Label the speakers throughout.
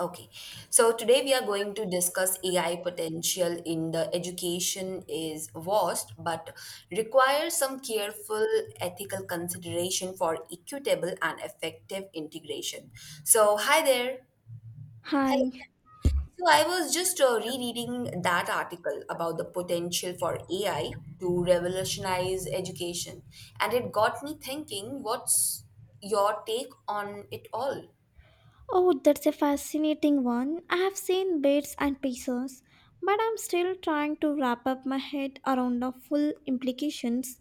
Speaker 1: Okay, so today we are going to discuss AI potential in the education is vast but requires some careful ethical consideration for equitable and effective integration. So, hi there.
Speaker 2: Hi.
Speaker 1: Hello. So, I was just rereading that article about the potential for AI to revolutionize education, and it got me thinking what's your take on it all?
Speaker 2: Oh, that's a fascinating one. I have seen bits and pieces, but I'm still trying to wrap up my head around the full implications.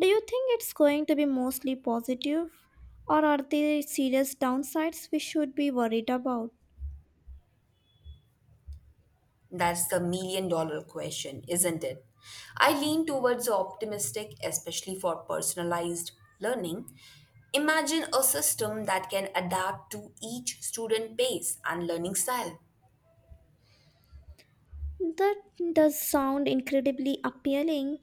Speaker 2: Do you think it's going to be mostly positive, or are there serious downsides we should be worried about?
Speaker 1: That's the million dollar question, isn't it? I lean towards the optimistic, especially for personalized learning. Imagine a system that can adapt to each student pace and learning style.
Speaker 2: That does sound incredibly appealing.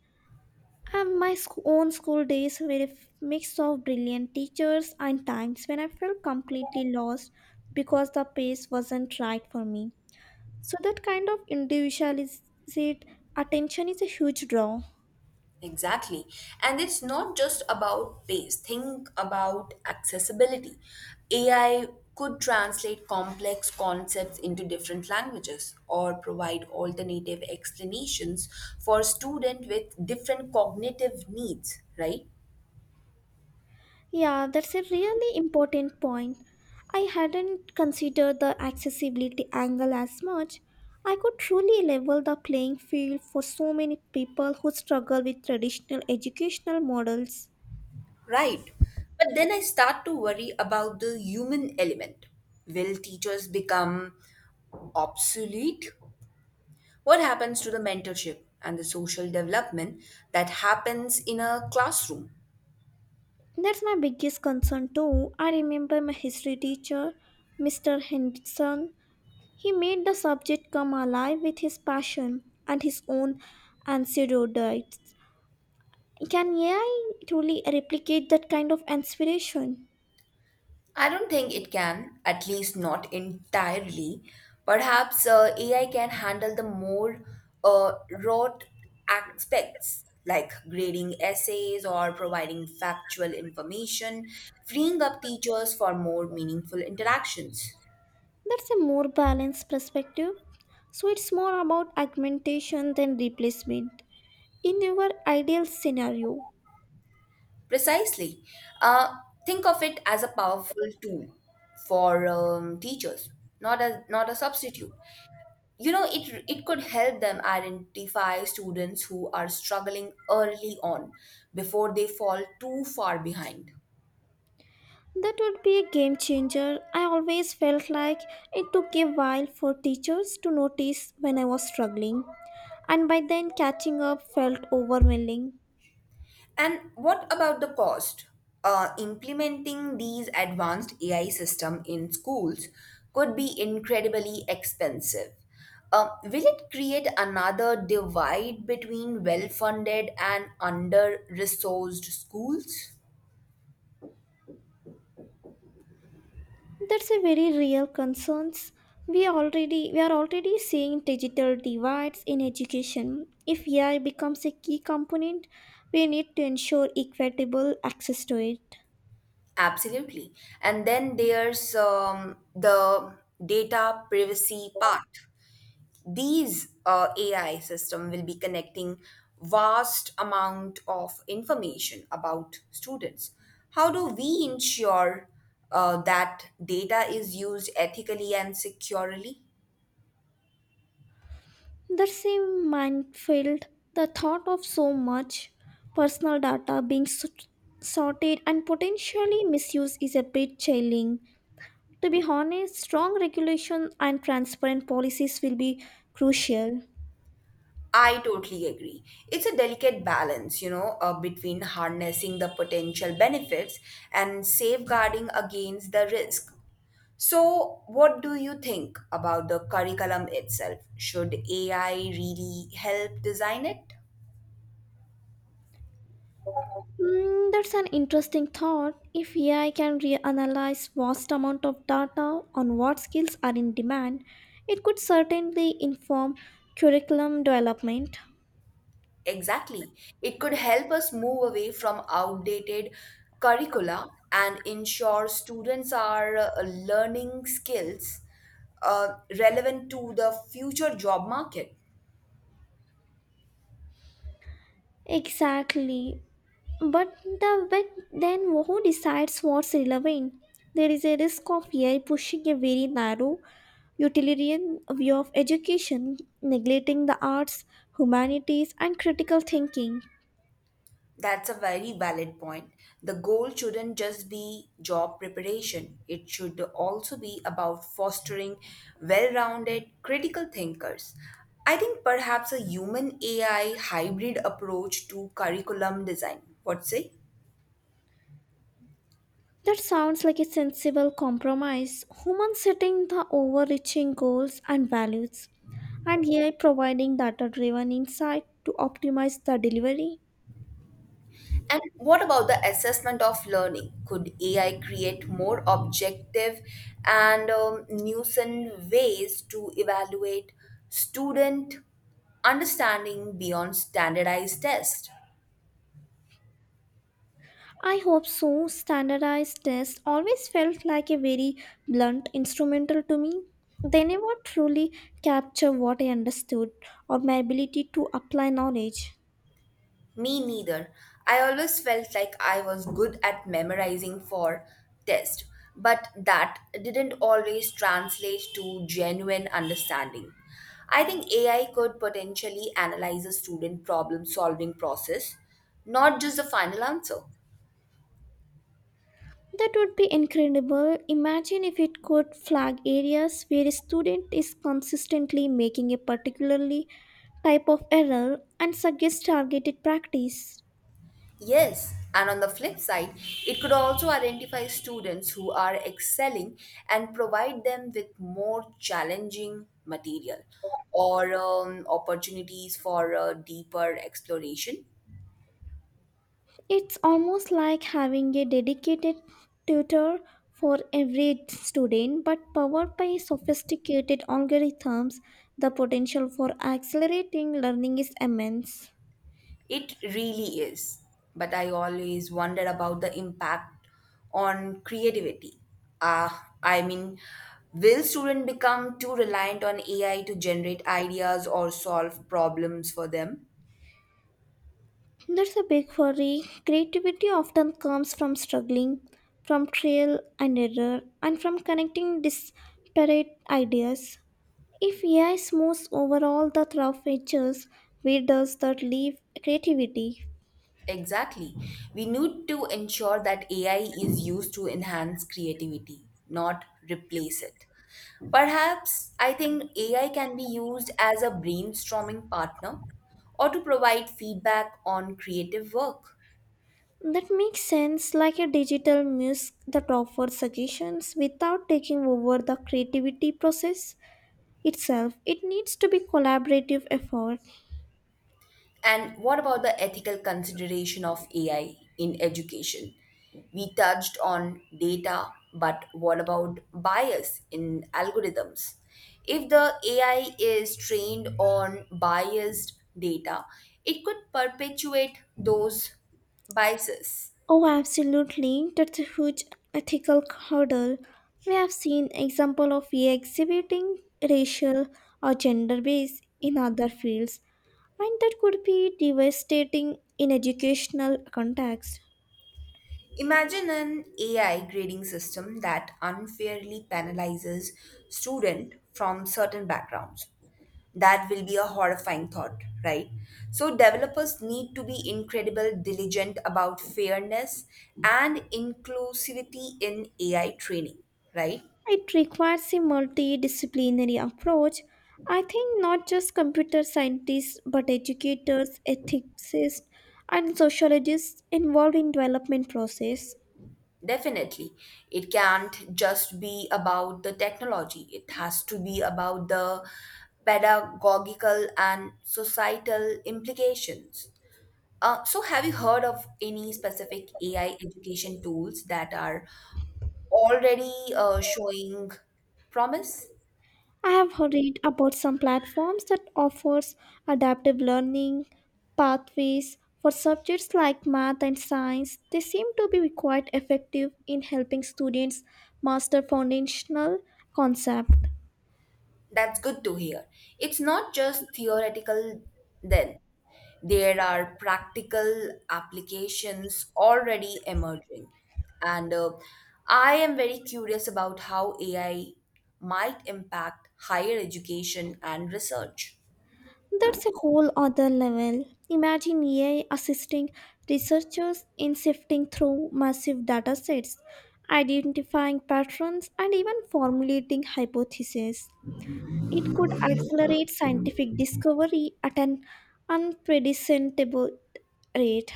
Speaker 2: And my own school days were a mix of brilliant teachers and times when I felt completely lost because the pace wasn't right for me. So that kind of individualized attention is a huge draw.
Speaker 1: Exactly. And it's not just about pace. Think about accessibility. AI could translate complex concepts into different languages or provide alternative explanations for students with different cognitive needs, right?
Speaker 2: Yeah, that's a really important point. I hadn't considered the accessibility angle as much. I could truly level the playing field for so many people who struggle with traditional educational models.
Speaker 1: Right. But then I start to worry about the human element. Will teachers become obsolete? What happens to the mentorship and the social development that happens in a classroom?
Speaker 2: That's my biggest concern too. I remember my history teacher, Mr. Henderson. He made the subject come alive with his passion and his own anecdotes. Can AI truly replicate that kind of inspiration?
Speaker 1: I don't think it can, at least not entirely. Perhaps AI can handle the more uh, raw aspects like grading essays or providing factual information, freeing up teachers for more meaningful interactions.
Speaker 2: That's a more balanced perspective. So it's more about augmentation than replacement. In your ideal scenario,
Speaker 1: Precisely. Uh, think of it as a powerful tool for teachers, not a substitute. You know, it could help them identify students who are struggling early on before they fall too far behind.
Speaker 2: that would be a game changer. I always felt like it took a while for teachers to notice when I was struggling, and by then catching up felt overwhelming.
Speaker 1: And what about the cost? Implementing these advanced AI system in schools could be incredibly expensive. Will it create another divide between well-funded and under-resourced schools?
Speaker 2: That's a very real concern. We are already seeing digital divides in education. If AI becomes a key component, we need to ensure equitable access to it.
Speaker 1: Absolutely. And then there's the data privacy part. These AI system will be connecting vast amount of information about students. How do we ensure that data is used ethically and securely?
Speaker 2: That's a minefield. The thought of so much personal data being sorted and potentially misused is a bit chilling. To be honest, strong regulation and transparent policies will be crucial.
Speaker 1: I totally agree. It's a delicate balance, you know, between harnessing the potential benefits and safeguarding against the risk. So, what do you think about the curriculum itself? Should AI really help design it?
Speaker 2: Mm, that's an interesting thought. If AI can reanalyze vast amount of data on what skills are in demand, it could certainly inform curriculum development.
Speaker 1: Exactly. It could help us move away from outdated curricula and ensure students are learning skills relevant to the future job market.
Speaker 2: Exactly. But then who decides what's relevant? There is a risk of AI pushing a very narrow utilitarian view of education, neglecting the arts, humanities, and critical thinking.
Speaker 1: That's a very valid point. The goal shouldn't just be job preparation, it should also be about fostering well rounded critical thinkers. I think perhaps a human AI hybrid approach to curriculum design. What say?
Speaker 2: That sounds like a sensible compromise. Humans setting the overreaching goals and values, and AI providing data driven insight to optimize the delivery.
Speaker 1: And what about the assessment of learning? Could AI create more objective and nuisance ways to evaluate student understanding beyond standardized tests?
Speaker 2: I hope so. Standardized tests always felt like a very blunt instrumental to me. They never truly capture what I understood or my ability to apply knowledge.
Speaker 1: Me neither. I always felt like I was good at memorizing for test, but that didn't always translate to genuine understanding. I think AI could potentially analyze a student problem solving process, not just the final answer.
Speaker 2: That would be incredible. Imagine if it could flag areas where a student is consistently making a particularly type of error and suggest targeted practice.
Speaker 1: Yes, and on the flip side, it could also identify students who are excelling and provide them with more challenging material or opportunities for deeper exploration.
Speaker 2: It's almost like having a dedicated tutor for every student, but powered by sophisticated algorithms, the potential for accelerating learning is immense.
Speaker 1: It really is. But I always wonder about the impact on creativity. Uh, I mean, will students become too reliant on AI to generate ideas or solve problems for them?
Speaker 2: That's a big worry. Creativity often comes from struggling, from trial and error, and from connecting disparate ideas. If AI smooths over all the rough edges, where does that leave creativity?
Speaker 1: Exactly. We need to ensure that AI is used to enhance creativity, not replace it. Perhaps I think AI can be used as a brainstorming partner or to provide feedback on creative work.
Speaker 2: That makes sense, like a digital muse that offers suggestions without taking over the creativity process itself. It needs to be collaborative effort.
Speaker 1: And what about the ethical consideration of AI in education? We touched on data, but what about bias in algorithms? If the AI is trained on biased data, it could perpetuate those biases.
Speaker 2: Oh, absolutely. That's a huge ethical hurdle. We have seen example of exhibiting racial or gender bias in other fields, and that could be devastating in educational context.
Speaker 1: Imagine an AI grading system that unfairly penalizes students from certain backgrounds. That will be a horrifying thought, right? So, developers need to be incredible diligent about fairness and inclusivity in AI training, right?
Speaker 2: It requires a multidisciplinary approach. I think not just computer scientists, but educators, ethicists, and sociologists involved in development process.
Speaker 1: Definitely. It can't just be about the technology, it has to be about the pedagogical and societal implications. So, have you heard of any specific AI education tools that are already showing promise?
Speaker 2: I have read about some platforms that offers adaptive learning pathways for subjects like math and science. They seem to be quite effective in helping students master foundational concepts.
Speaker 1: That's good to hear. It's not just theoretical, then. There are practical applications already emerging. And I am very curious about how AI might impact higher education and research.
Speaker 2: That's a whole other level. Imagine AI assisting researchers in sifting through massive datasets, identifying patterns, and even formulating hypotheses. It could accelerate scientific discovery at an unprecedented rate.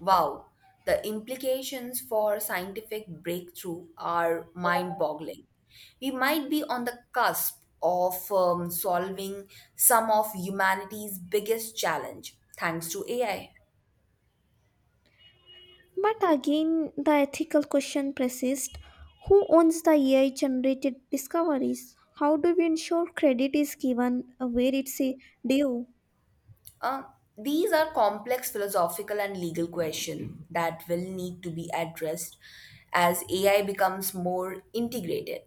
Speaker 1: Wow, the implications for scientific breakthrough are mind boggling. We might be on the cusp of solving some of humanity's biggest challenge thanks to AI.
Speaker 2: But again, the ethical question persists who owns the AI generated discoveries? How do we ensure credit is given where it's due?
Speaker 1: Uh, these are complex philosophical and legal questions that will need to be addressed as AI becomes more integrated.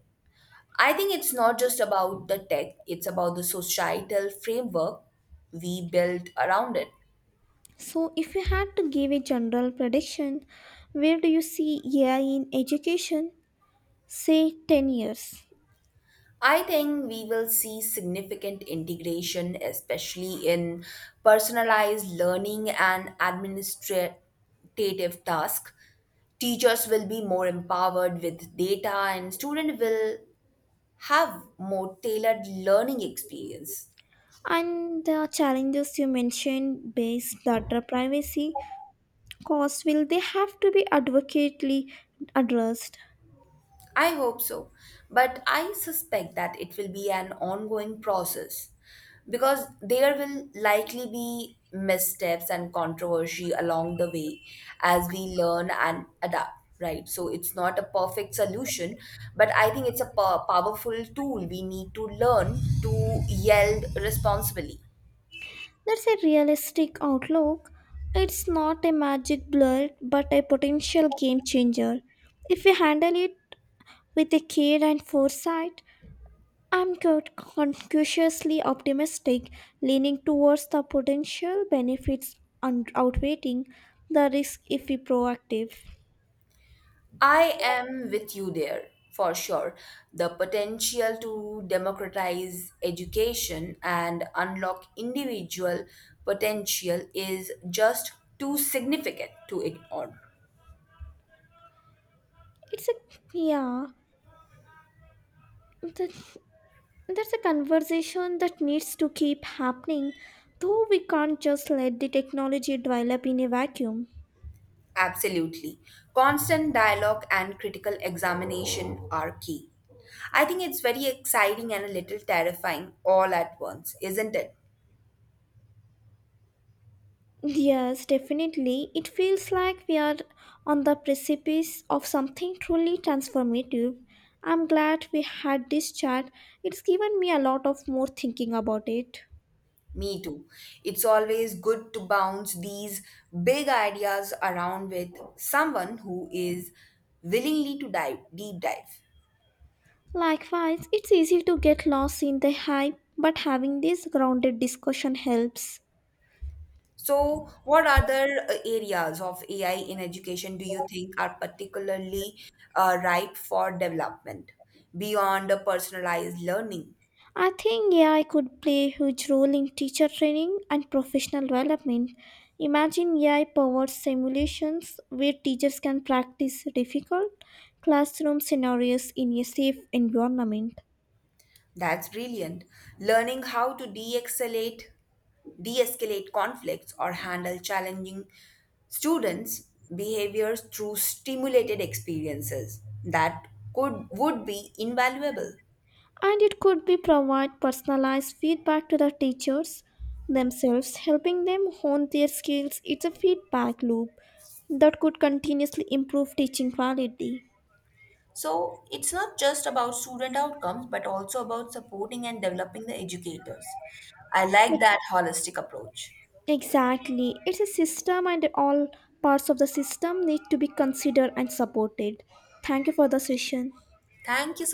Speaker 1: I think it's not just about the tech, it's about the societal framework we build around it.
Speaker 2: So, if you had to give a general prediction, where do you see AI in education, say 10 years?
Speaker 1: I think we will see significant integration, especially in personalized learning and administrative tasks. Teachers will be more empowered with data, and students will have more tailored learning experience.
Speaker 2: And the challenges you mentioned based data privacy, Costs will they have to be adequately addressed.
Speaker 1: I hope so, but I suspect that it will be an ongoing process because there will likely be missteps and controversy along the way as we learn and adapt, right? So it's not a perfect solution, but I think it's a powerful tool we need to learn to yield responsibly.
Speaker 2: That's a realistic outlook. It's not a magic bullet, but a potential game changer. If we handle it with a care and foresight, I'm quite conscientiously optimistic, leaning towards the potential benefits and outweighing the risk if we proactive.
Speaker 1: I am with you there for sure. The potential to democratize education and unlock individual potential is just too significant to ignore.
Speaker 2: It's a Yeah. the- That's a conversation that needs to keep happening, though we can't just let the technology develop in a vacuum.
Speaker 1: Absolutely. Constant dialogue and critical examination are key. I think it's very exciting and a little terrifying all at once, isn't it?
Speaker 2: Yes, definitely. It feels like we are on the precipice of something truly transformative. I'm glad we had this chat. It's given me a lot of more thinking about it.
Speaker 1: Me too. It's always good to bounce these big ideas around with someone who is willingly to dive deep dive.
Speaker 2: Likewise, it's easy to get lost in the hype, but having this grounded discussion helps.
Speaker 1: So, what other areas of AI in education do you think are particularly ripe for development beyond the personalized learning?
Speaker 2: I think AI could play a huge role in teacher training and professional development. Imagine AI powered simulations where teachers can practice difficult classroom scenarios in a safe environment.
Speaker 1: That's brilliant. Learning how to de-escalate conflicts or handle challenging students' behaviors through stimulated experiences that could would be invaluable.
Speaker 2: And it could be provide personalized feedback to the teachers themselves, helping them hone their skills. It's a feedback loop that could continuously improve teaching quality.
Speaker 1: So it's not just about student outcomes, but also about supporting and developing the educators. I
Speaker 2: A
Speaker 1: like that holistic approach.
Speaker 2: Exactly. It's a system, and all parts of the system need to be considered and supported. Thank you for the session.
Speaker 1: Thank you so